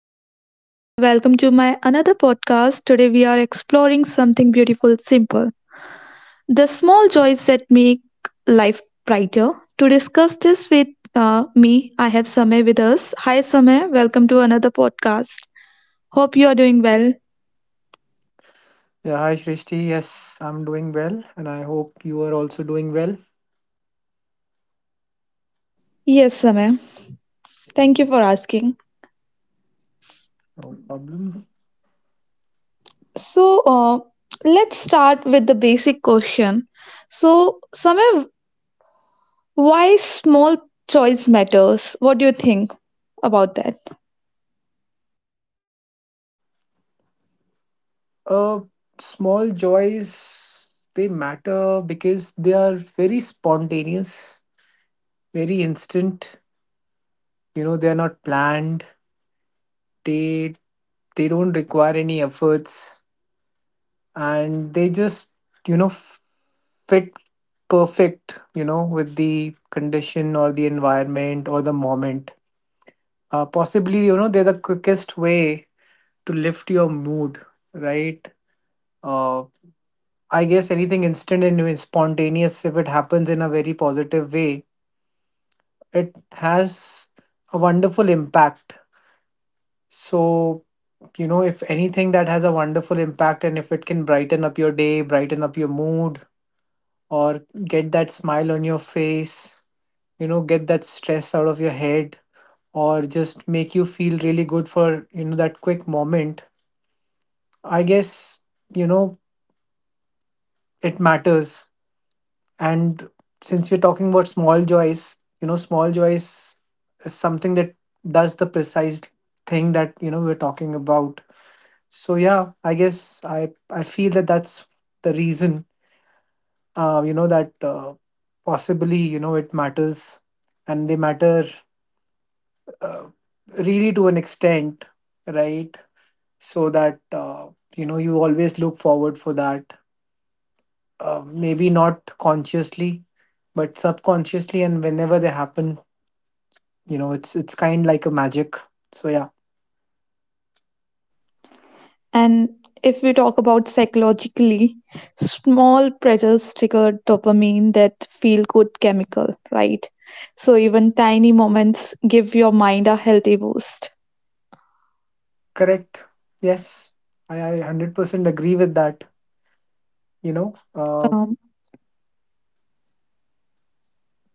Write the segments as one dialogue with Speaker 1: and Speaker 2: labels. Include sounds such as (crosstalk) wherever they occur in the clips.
Speaker 1: this is Srishti. Welcome to my another podcast. Today we are exploring something beautiful, simple. The small joys that make life brighter. To discuss this with me, I have Samay with us. Hi Samay, welcome to another podcast. Hope you are doing well.
Speaker 2: Yeah, hi Shrishti. Yes, I'm doing well, and I hope you are also doing well.
Speaker 1: Yes, Samay. Thank you for asking.
Speaker 2: No problem.
Speaker 1: So, uh, let's start with the basic question. So, Samay, why small choice matters? What do you think about that?
Speaker 2: Uh, small joys they matter because they are very spontaneous, very instant. You know, they are not planned. They they don't require any efforts, and they just you know f- fit perfect. With the condition or the environment or the moment. Possibly, they're the quickest way to lift your mood, right? Uh, I guess anything instant and spontaneous, if it happens in a very positive way, it has a wonderful impact. So, if anything that has a wonderful impact and if it can brighten up your day, brighten up your mood, or get that smile on your face, get that stress out of your head, or just make you feel really good for that quick moment, I guess, you know, it matters. And since we're talking about small joys, small joys is something that does the precise thing that we're talking about. So yeah, I guess I feel that that's the reason, you know, that possibly, you know, it matters and they matter uh, really to an extent, right? So that you always look forward for that. Maybe not consciously, but subconsciously, and whenever they happen, it's kind like a magic. So yeah.
Speaker 1: And if we talk about psychologically, small pressures trigger dopamine, that feel good chemical, right? So even tiny moments give your mind a healthy boost.
Speaker 2: Correct. Yes, I 100% agree with that you know uh
Speaker 1: Um,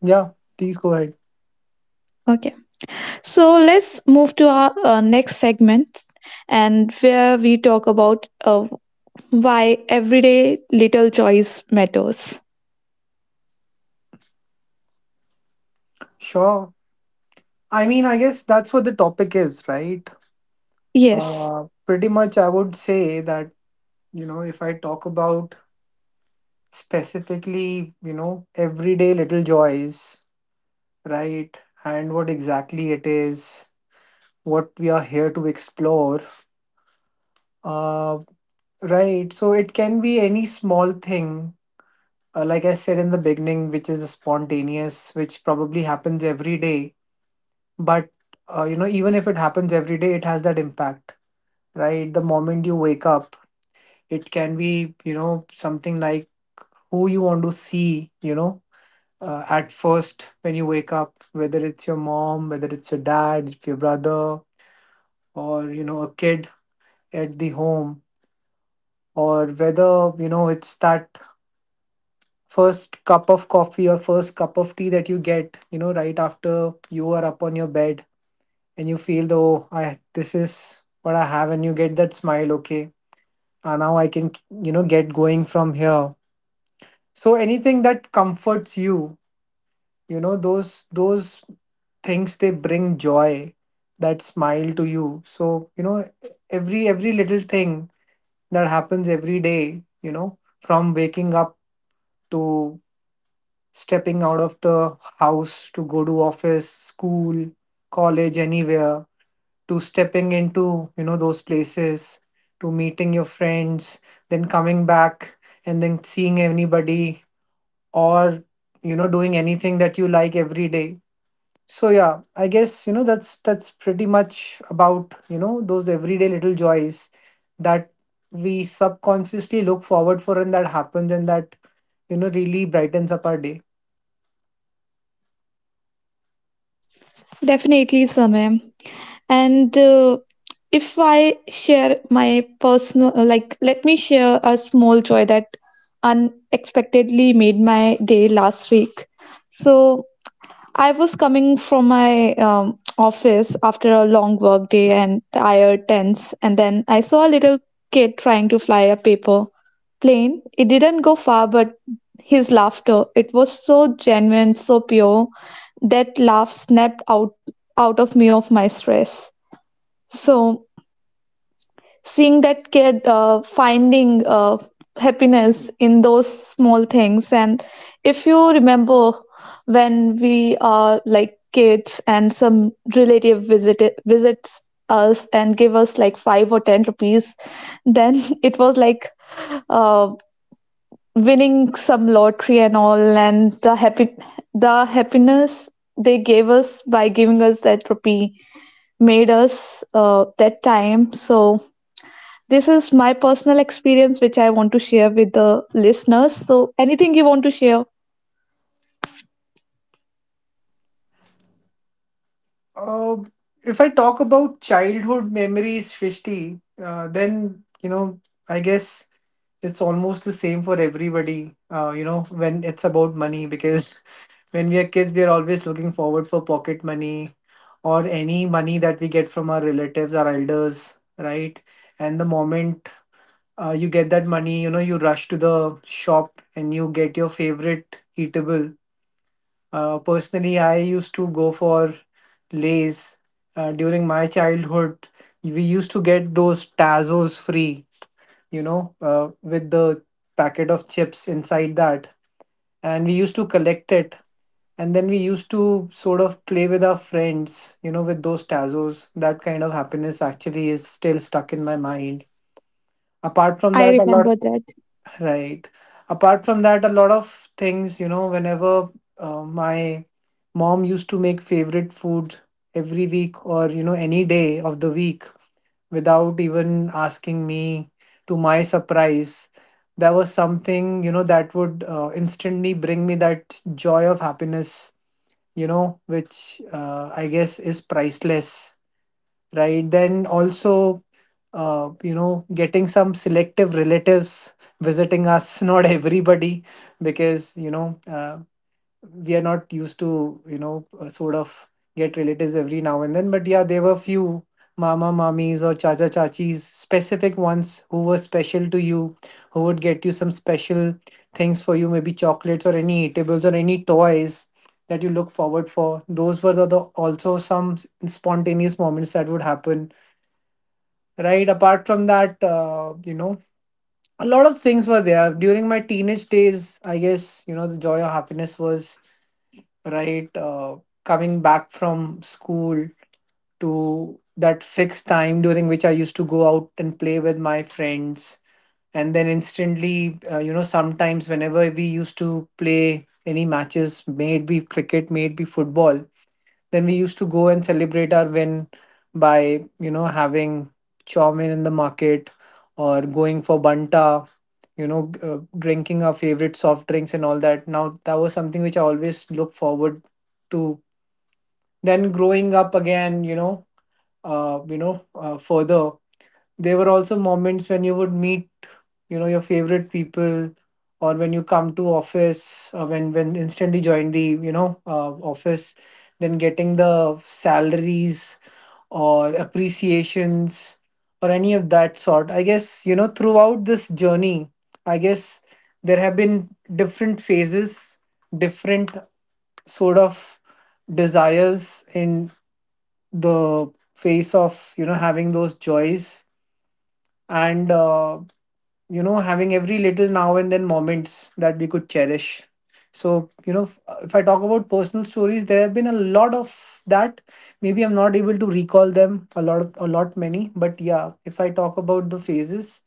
Speaker 2: yeah, please go ahead.
Speaker 1: okay. So let's move to our next segment and where we talk about why everyday little choice matters.
Speaker 2: Sure. I mean, I guess that's what the topic is, right?
Speaker 1: Yes,
Speaker 2: Pretty much, I would say that, if I talk about specifically, everyday little joys, right? And what exactly it is, what we are here to explore uh right, so it can be any small thing, like I said in the beginning, which is spontaneous, which probably happens every day. But even if it happens every day, it has that impact, right? The moment you wake up, it can be something like who you want to see. At first, when you wake up, whether it's your mom, whether it's your dad, if your brother, or a kid at the home, or whether it's that first cup of coffee or first cup of tea that you get right after you are up on your bed. And you feel the, oh, I, this is what I have, and you get that smile. Okay, and now I can get going from here. So anything that comforts you, you know those things, they bring joy, that smile to you. So, every little thing that happens every day, from waking up to stepping out of the house to go to office, school, college, anywhere, to stepping into those places, to meeting your friends, then coming back and then seeing anybody or, doing anything that you like every day. So yeah, I guess, that's pretty much about those everyday little joys that we subconsciously look forward for, and that happens, and that, really brightens up our day.
Speaker 1: definitely, Samem. And if I share my personal, like, let me share a small joy that unexpectedly made my day last week. So I was coming from my office after a long work day and tired, tense, and then I saw a little kid trying to fly a paper plane. It didn't go far, but his laughter, it was so genuine, so pure, that laugh snapped out of my stress. So seeing that kid finding happiness in those small things, and if you remember when we are like kids and some relative visits us and give us like five or ten rupees, then (laughs) it was like uh, winning some lottery and all, and the happy the happiness they gave us by giving us that rupee made us that time so this is my personal experience, which I want to share with the listeners. So, anything you want to share?
Speaker 2: Uh, if I talk about childhood memories, Shrishti, I guess it's almost the same for everybody. When it's about money, because (laughs) when we are kids, we are always looking forward for pocket money or any money that we get from our relatives, our elders, right? And the moment you get that money, you rush to the shop and you get your favorite eatable. Personally, I used to go for Lays. During my childhood, we used to get those Tazos free, with the packet of chips inside that. And we used to collect it. And then we used to sort of play with our friends, with those Tazos. That kind of happiness actually is still stuck in my mind. Apart from that,
Speaker 1: I
Speaker 2: a lot.
Speaker 1: remember that.
Speaker 2: Right. Apart from that, a lot of things, whenever my mom used to make favorite food every week or, any day of the week without even asking me, to my surprise, there was something, that would instantly bring me that joy of happiness, which I guess is priceless. Right. Then also, getting some selective relatives visiting us, (laughs) not everybody, because, we are not used to, sort of get relatives every now and then. But yeah, there were few mama mamis or chacha chachis, specific ones who were special to you, who would get you some special things for you, maybe chocolates or any eatables or any toys that you look forward for. Those were the also some spontaneous moments that would happen, right? Apart from that, a lot of things were there during my teenage days. I guess, the joy of happiness was, right, coming back from school to that fixed time during which I used to go out and play with my friends. And then instantly, sometimes whenever we used to play any matches, may it be cricket, may it be football, then we used to go and celebrate our win by, having chow mein in the market, or going for banta, drinking our favorite soft drinks and all that. Now, that was something which I always look forward to. Then growing up again, further there were also moments when you would meet your favorite people, or when you come to office. When instantly join the office, then getting the salaries or appreciations or any of that sort. I guess, throughout this journey, I guess there have been different phases, different sort of desires in the face of, having those joys, and having every little now and then moments that we could cherish. So, if I talk about personal stories, there have been a lot of that. Maybe I'm not able to recall them, a lot many. But yeah, if I talk about the phases,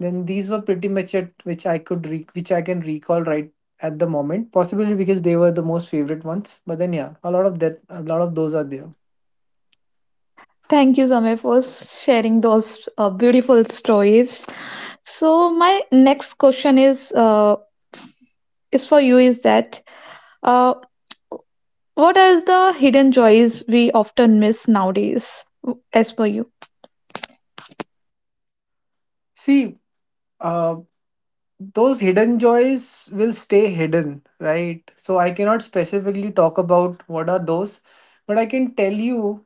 Speaker 2: then these were pretty much it, which I can recall right at the moment, possibly because they were the most favorite ones. But then yeah, a lot of that, a lot of those are there.
Speaker 1: Thank you, Samir, for sharing those beautiful stories. So, my next question is for you is that, uh, what are the hidden joys we often miss nowadays, as per you?
Speaker 2: See uh, those hidden joys will stay hidden, right? So I cannot specifically talk about what are those, but I can tell you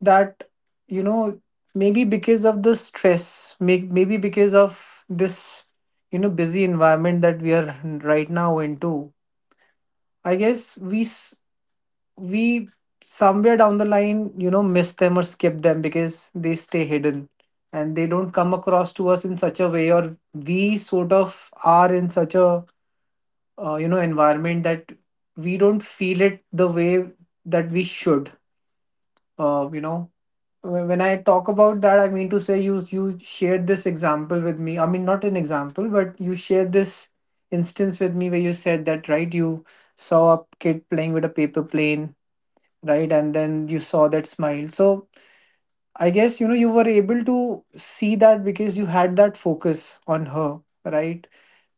Speaker 2: that, you know, maybe because of the stress, maybe because of this, busy environment that we are right now into, I guess we somewhere down the line, miss them or skip them because they stay hidden and they don't come across to us in such a way, or we sort of are in such a environment that we don't feel it the way that we should uh, you know when I talk about that, I mean to say you shared this example with me, I mean, not an example, but you shared this instance with me where you said that, right? You saw a kid playing with a paper plane, right? And then you saw that smile. So I guess, you were able to see that because you had that focus on her, right?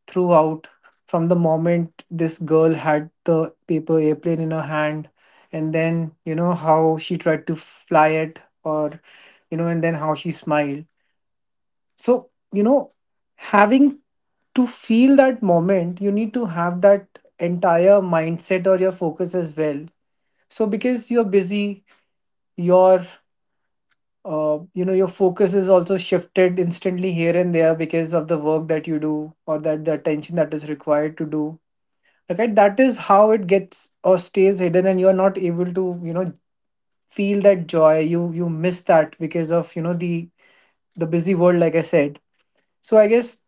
Speaker 2: Throughout, from the moment this girl had the paper airplane in her hand and then, how she tried to fly it or, and then how she smiled. So, having to feel that moment, you need to have that entire mindset or your focus as well. So because you're busy, your your focus is also shifted instantly here and there because of the work that you do, or that the attention that is required to do. Okay, that is how it gets or stays hidden, and you are not able to, feel that joy. You miss that because of, the busy world, like I said. So I guess,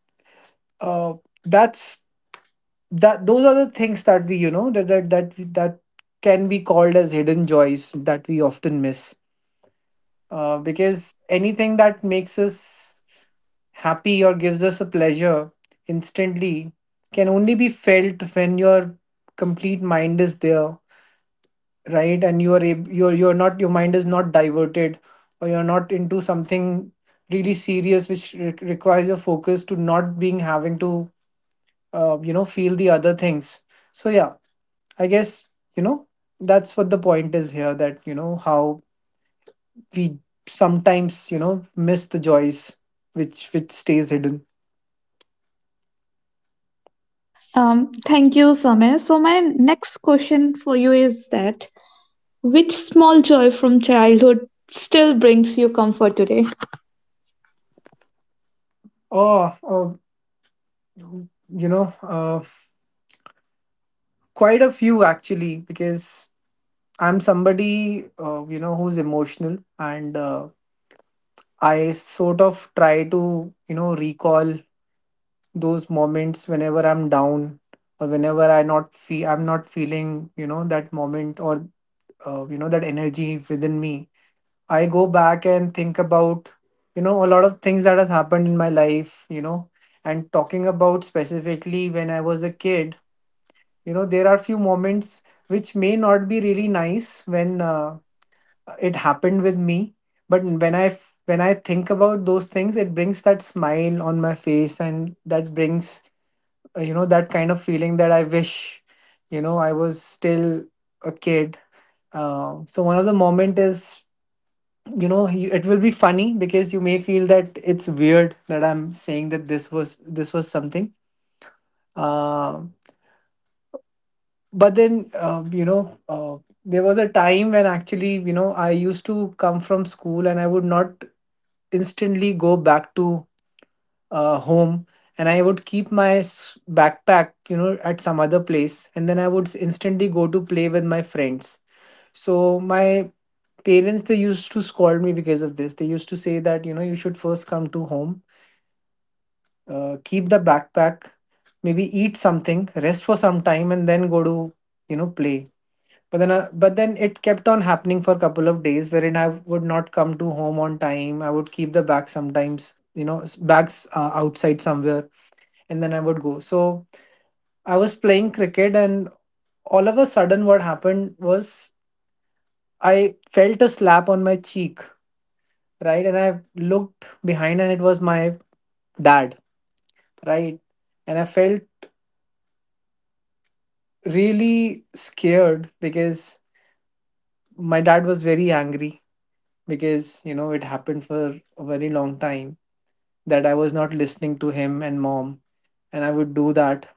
Speaker 2: uh that's that those are the things that we, that can be called as hidden joys that we often miss. Because anything that makes us happy or gives us a pleasure instantly can only be felt when your complete mind is there, right? And you're not, your mind is not diverted, or you're not into something really serious which requires your focus to not being having to, feel the other things. So yeah, I guess, you know that's what the point is here. That how we sometimes miss the joys which stays hidden.
Speaker 1: Thank you, Samir. So, my next question for you is that which small joy from childhood still brings you comfort today?
Speaker 2: Oh, oh, you know uh, quite a few actually, because I'm somebody, who's emotional, and I sort of try to, recall those moments whenever I'm down or whenever I'm not feeling, that moment, or that energy within me. I go back and think about, a lot of things that has happened in my life, and talking about specifically when I was a kid, there are few moments which may not be really nice when it happened with me. But when when I think about those things, it brings that smile on my face, and that brings that kind of feeling that I wish, I was still a kid. So one of the moment is, it will be funny, because you may feel that it's weird that I'm saying that this was something, uh, but then, there was a time when actually, I used to come from school, and I would not instantly go back to home, and I would keep my backpack, at some other place, and then I would instantly go to play with my friends. So my parents, they used to scold me because of this. They used to say that, you should first come to home, keep the backpack, maybe eat something, rest for some time, and then go to play. But then it kept on happening for a couple of days, wherein I would not come to home on time. I would keep the bag sometimes, bags outside somewhere, and then I would go. So I was playing cricket, and all of a sudden, what happened was I felt a slap on my cheek, right? And I looked behind, and it was my dad, right? And I felt really scared, because my dad was very angry, because you know it happened for a very long time that I was not listening to him and mom, and I would do that.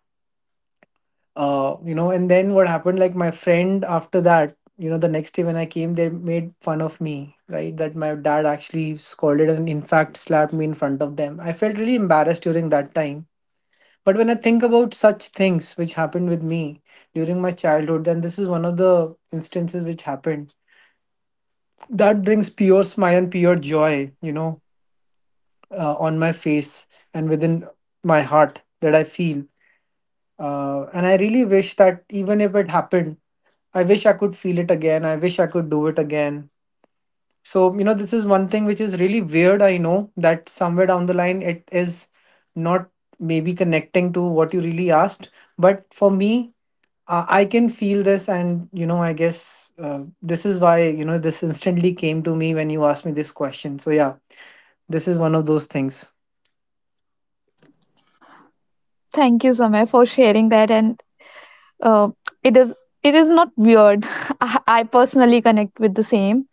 Speaker 2: And then what happened? Like my friend after that, the next day when I came, they made fun of me, right? That my dad actually scolded and in fact slapped me in front of them. I felt really embarrassed during that time. But when I think about such things which happened with me during my childhood, then this is one of the instances which happened. That brings pure smile and pure joy, on my face and within my heart that I feel. And I really wish that even if it happened, I wish I could feel it again. I wish I could do it again. So, this is one thing which is really weird. I know that somewhere down the line, it is not maybe connecting to what you really asked. But for me, I can feel this. And, I guess this is why, this instantly came to me when you asked me this question. So, yeah, this is one of those things.
Speaker 1: Thank you, Samay, for sharing that. And uh, it is it is not weird. (laughs) I personally connect with the same.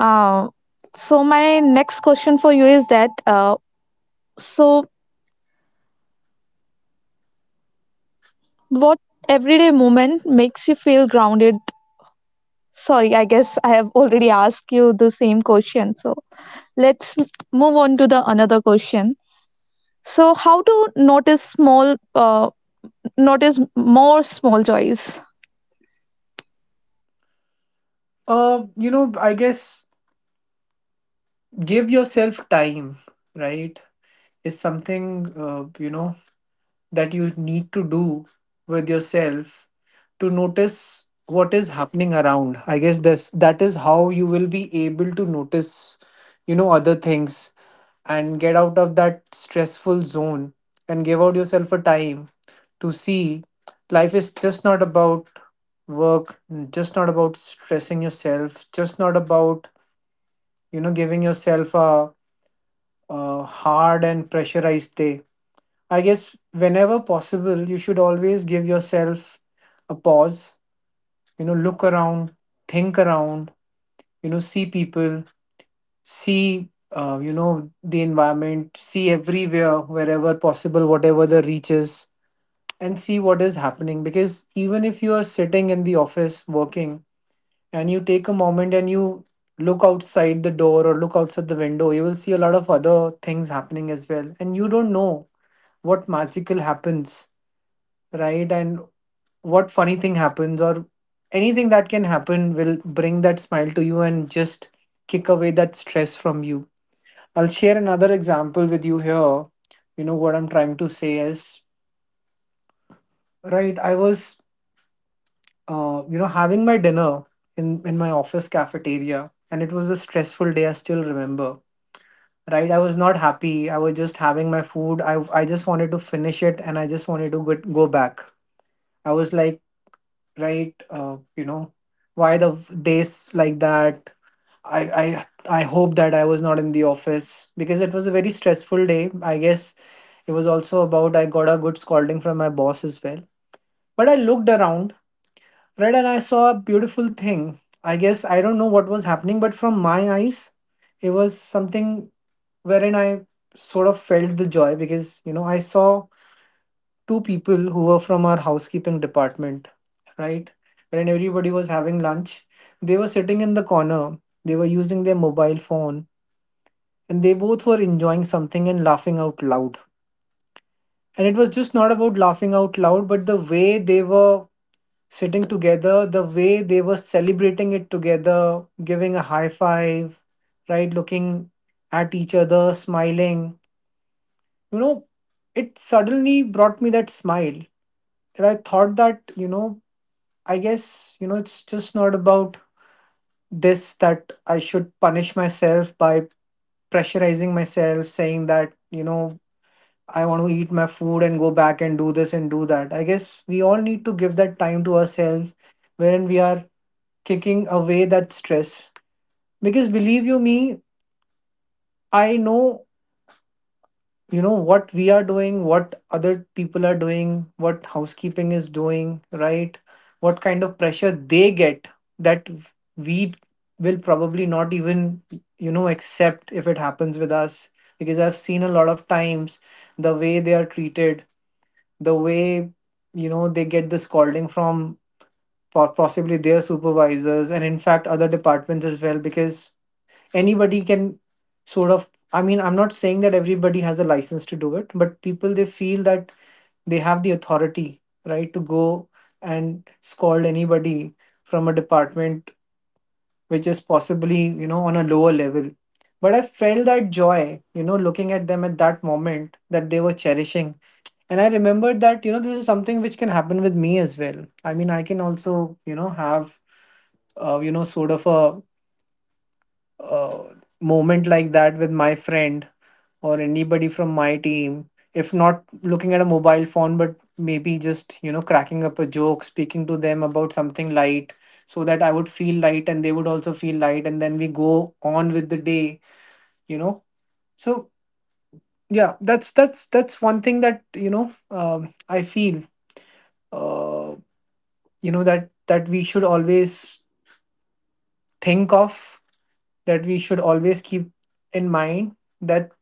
Speaker 1: Uh, so my next question for you is that so what everyday moment makes you feel grounded? Sorry, I guess I have already asked you the same question. So let's m- move on to the another question. So how to notice small notice more small joys?
Speaker 2: I guess give yourself time, right? Is something uh, you know that you need to do with yourself, to notice what is happening around. I guess this that is how you will be able to notice other things and get out of that stressful zone, and give out yourself a time to see life is just not about work, just not about stressing yourself, just not about giving yourself a hard and pressurized day. I guess whenever possible, you should always give yourself a pause, look around, think around, see people, see, the environment, see everywhere, wherever possible, whatever the reach is, and see what is happening. Because even if you are sitting in the office working, and you take a moment and you look outside the door or look outside the window, you will see a lot of other things happening as well. And you don't know what magical happens, right? And what funny thing happens, or anything that can happen will bring that smile to you and just kick away that stress from you. I'll share another example with you here. You know what I'm trying to say is, right. I was, having my dinner in my office cafeteria, and it was a stressful day. I still remember. Right, I was not happy. I was just having my food. I just wanted to finish it, and I just wanted to get, go back. I was like, right? Why the days like that? I, I hope that I was not in the office, because it was a very stressful day. I guess it was also about I got a good scolding from my boss as well. But I looked around, right, and I saw a beautiful thing. I guess I don't know what was happening, but from my eyes, it was something wherein I sort of felt the joy, because you know I saw two people who were from our housekeeping department, right? When everybody was having lunch, they were sitting in the corner, they were using their mobile phone, and they both were enjoying something and laughing out loud. And it was just not about laughing out loud, but the way they were sitting together, the way they were celebrating it together, giving a high five, right? Looking at each other, smiling. You know, it suddenly brought me that smile. And I thought that, I guess, it's just not about this, that I should punish myself by pressurizing myself, saying that, I want to eat my food and go back and do this and do that. I guess we all need to give that time to ourselves, wherein we are kicking away that stress. Because believe you me, I know you know what we are doing, what other people are doing, what housekeeping is doing, right, what kind of pressure they get, that we will probably not even accept if it happens with us. Because I've seen a lot of times the way they are treated, the way they get the scolding from possibly their supervisors, and in fact other departments as well, because anybody can sort of, I mean, I'm not saying that everybody has a license to do it, but people, they feel that they have the authority, right, to go and scold anybody from a department which is possibly on a lower level. But I felt that joy, looking at them at that moment, that they were cherishing. And I remembered that, this is something which can happen with me as well. I mean, I can also have sort of a uh, moment like that with my friend or anybody from my team, if not looking at a mobile phone, but maybe just cracking up a joke, speaking to them about something light, so that I would feel light and they would also feel light, and then we go on with the day, you know so yeah, that's one thing that I feel uh, that that we should always think of, that we should always keep in mind, that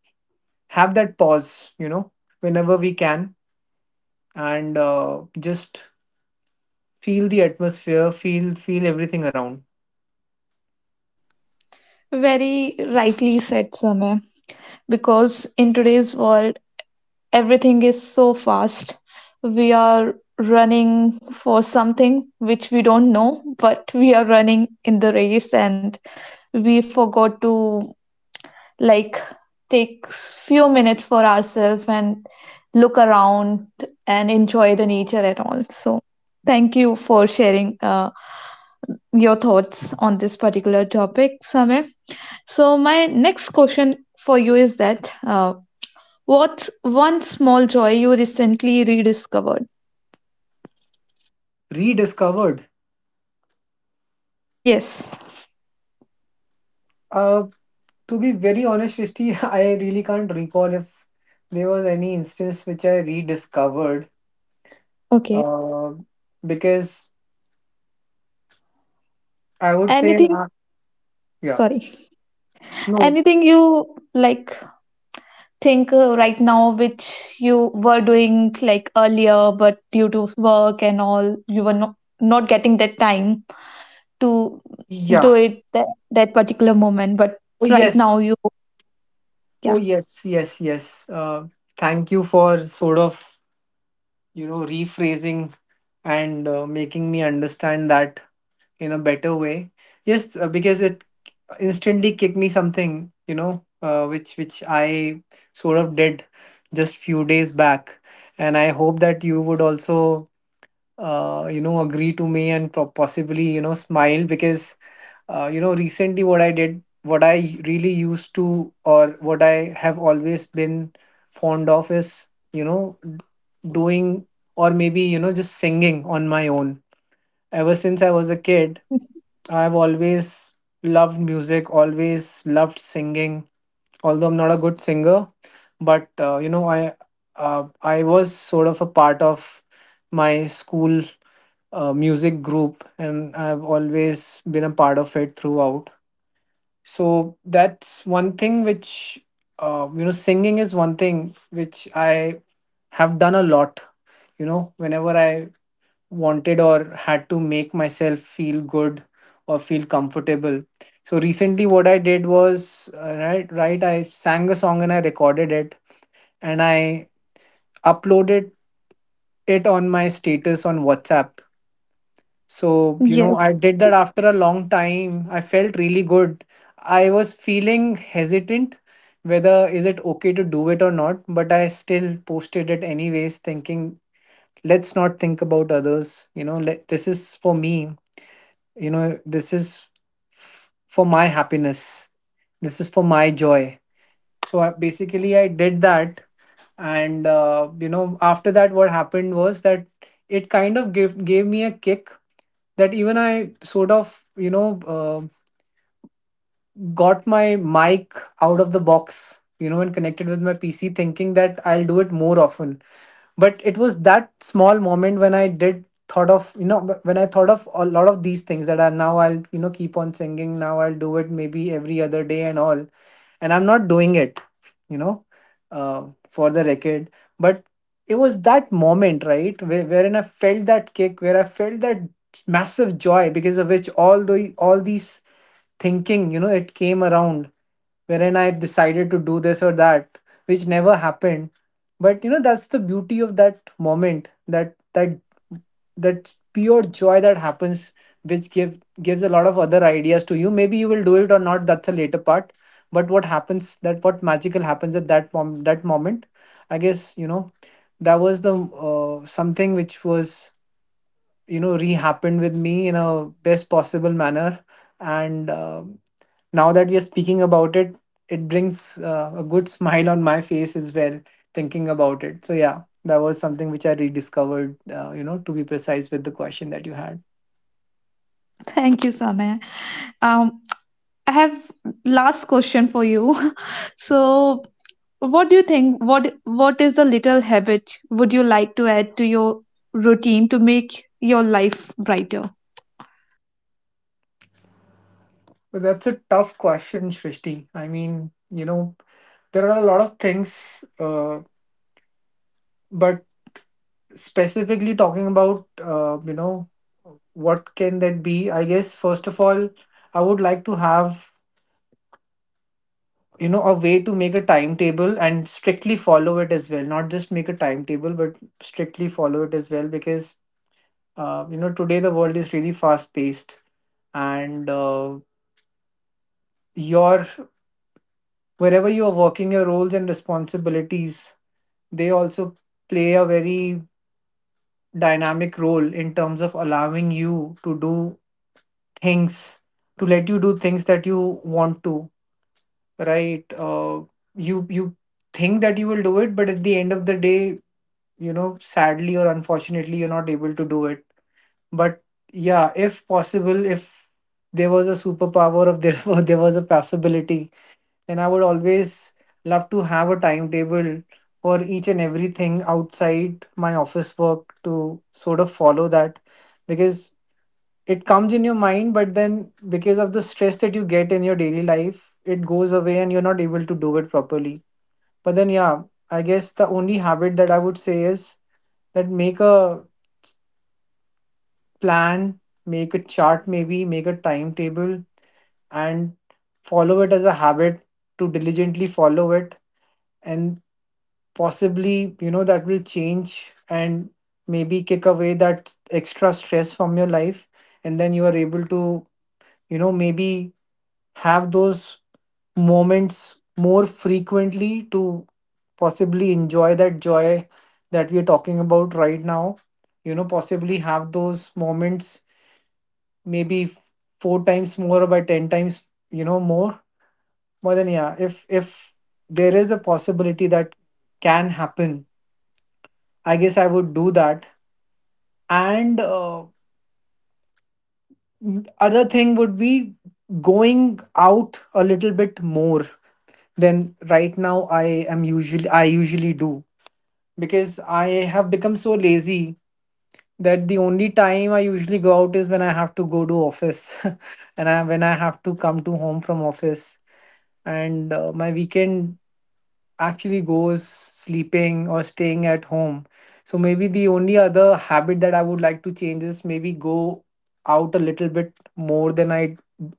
Speaker 2: have that pause, whenever we can, and just feel the atmosphere, feel everything around.
Speaker 1: Very rightly said, Samay. Because in today's world everything is so fast, we are running for something which we don't know, but we are running in the race and we forgot to, like, take few minutes for ourselves and look around and enjoy the nature at all. So thank you for sharing your thoughts on this particular topic, Samir. So my next question for you is that what's one small joy you recently rediscovered?
Speaker 2: Rediscovered.
Speaker 1: Yes.
Speaker 2: Uh, to be very honest, Shristi, (laughs) I really can't recall if there was any instance which I rediscovered.
Speaker 1: Okay.
Speaker 2: Uh, because I would say,
Speaker 1: Anything,
Speaker 2: yeah,
Speaker 1: sorry. Anything you like think right now which you were doing like earlier, but due to work and all, you were not getting that time to do
Speaker 2: yeah.
Speaker 1: it that particular moment, but
Speaker 2: Oh
Speaker 1: right now
Speaker 2: yes,
Speaker 1: you
Speaker 2: oh
Speaker 1: yeah.
Speaker 2: yes, yes, yes. Thank you for sort of rephrasing and making me understand that in a better way. Yes, because it instantly kicked me something, which I sort of did just few days back, and I hope that you would also agree to me and possibly smile. Because recently what I did, what I really used to, or what I have always been fond of, is doing, or maybe just singing on my own. Ever since I was a kid, I've always loved music, always loved singing. Although I'm not a good singer, but I was sort of a part of my school music group, and I've always been a part of it throughout. So that's one thing which singing is one thing which I have done a lot. Whenever I wanted or had to make myself feel good or feel comfortable. So recently, what I did was right, right. I sang a song and I recorded it, and I uploaded it on my status on WhatsApp. So,
Speaker 1: Yes.
Speaker 2: I did that after a long time. I felt really good. I was feeling hesitant whether is it okay to do it or not, but I still posted it anyways, thinking let's not think about others. This is for me, this is for my happiness, this is for my joy. So basically I did that. And after that what happened was that it kind of gave me a kick, that even I sort of got my mic out of the box, and connected with my PC, thinking that I'll do it more often. But it was that small moment when I did thought of, when I thought of a lot of these things, that are now I'll, keep on singing. Now I'll do it maybe every other day and all. And I'm not doing it, you know, for the record. But it was that moment, right, wherein I felt that kick, where I felt that massive joy, because of which all these thinking, it came around, wherein I decided to do this or that, which never happened. But that's the beauty of that moment, that pure joy that happens, which gives a lot of other ideas to you, maybe you will do it or not, that's a later part. But what happens, that what magical happens at that moment, I guess, that was the something which was rehappened with me in a best possible manner. And now that we are speaking about it, it brings a good smile on my face as well, thinking about it. So yeah, that was something which I rediscovered, to be precise with the question that you had.
Speaker 1: Thank you, Samaya. Um, I have last question for you. (laughs) So what do you think? What is a little habit would you like to add to your routine to make your life brighter?
Speaker 2: Well, that's a tough question, Shrishti. I mean, you know, there are a lot of things, uh, but specifically talking about, what can that be? I guess, first of all, I would like to have a way to make a timetable and strictly follow it as well, not just make a timetable but strictly follow it as well, because today the world is really fast paced. And your wherever you are working, your roles and responsibilities, they also play a very dynamic role in terms of allowing you to do things, to let you do things that you want to, right. You think that you will do it, but at the end of the day, sadly or unfortunately, you're not able to do it. But yeah, if possible, if there was a superpower, if there (laughs) were, there was a possibility, then I would always love to have a timetable for each and everything outside my office work, to sort of follow that, because it comes in your mind, but then because of the stress that you get in your daily life, it goes away and you're not able to do it properly. But then yeah, I guess the only habit that I would say is that make a plan, make a chart, maybe make a timetable, and follow it as a habit, to diligently follow it, and possibly, that will change, and maybe kick away that extra stress from your life, and then you are able to, maybe have those moments more frequently, to possibly enjoy that joy that we are talking about right now. Possibly have those moments maybe four times more or by 10 times, more. But then yeah, if there is a possibility that can happen, I guess I would do that. And other thing would be going out a little bit more than right now. I usually do, because I have become so lazy that the only time I usually go out is when I have to go to office (laughs) and when I have to come to home from office, and my weekend actually goes sleeping or staying at home. So maybe the only other habit that I would like to change is maybe go out a little bit more than I,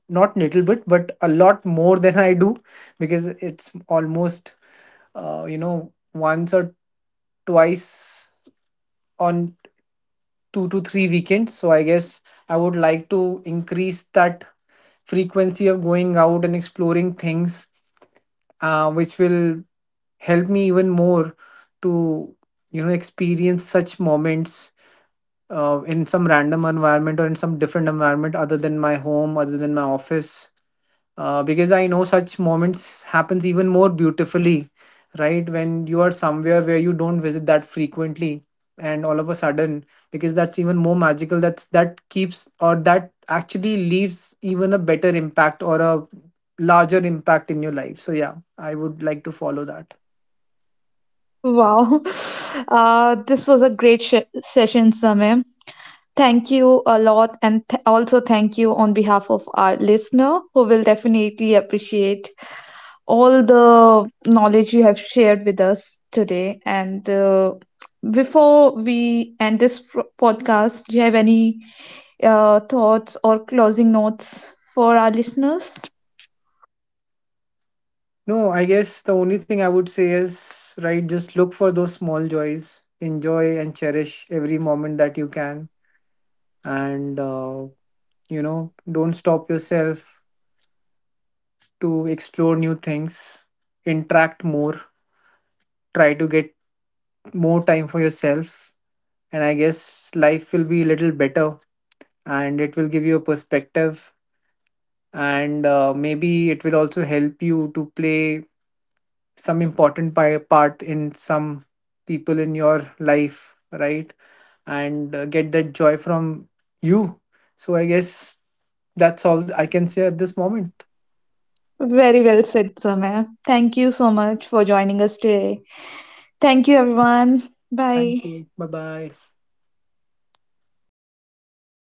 Speaker 2: not little bit but a lot more than I do, because it's almost once or twice on 2 to 3 weekends. So I guess I would like to increase that frequency of going out and exploring things, which will help me even more to experience such moments, in some random environment or in some different environment, other than my home, other than my office, because I know such moments happens even more beautifully, right, when you are somewhere where you don't visit that frequently, and all of a sudden, because that's even more magical, that's that keeps, or that actually leaves even a better impact or a larger impact in your life. So yeah, I would like to follow that.
Speaker 1: Wow. (laughs) This was a great session, Samir. Thank you a lot, and also thank you on behalf of our listener who will definitely appreciate all the knowledge you have shared with us today. And before we end this podcast, do you have any thoughts or closing notes for our listeners?
Speaker 2: No, I guess the only thing I would say is, right, just look for those small joys, enjoy and cherish every moment that you can, and you know don't stop yourself to explore new things, interact more, try to get more time for yourself, and I guess life will be a little better, and it will give you a perspective. And maybe it will also help you to play some important part in some people in your life, right. And get that joy from you. So I guess that's all I can say at this moment.
Speaker 1: Very well said, Samaya. Thank you so much for joining us today. Thank you, everyone.
Speaker 2: Thank
Speaker 1: Bye.
Speaker 2: you, bye bye.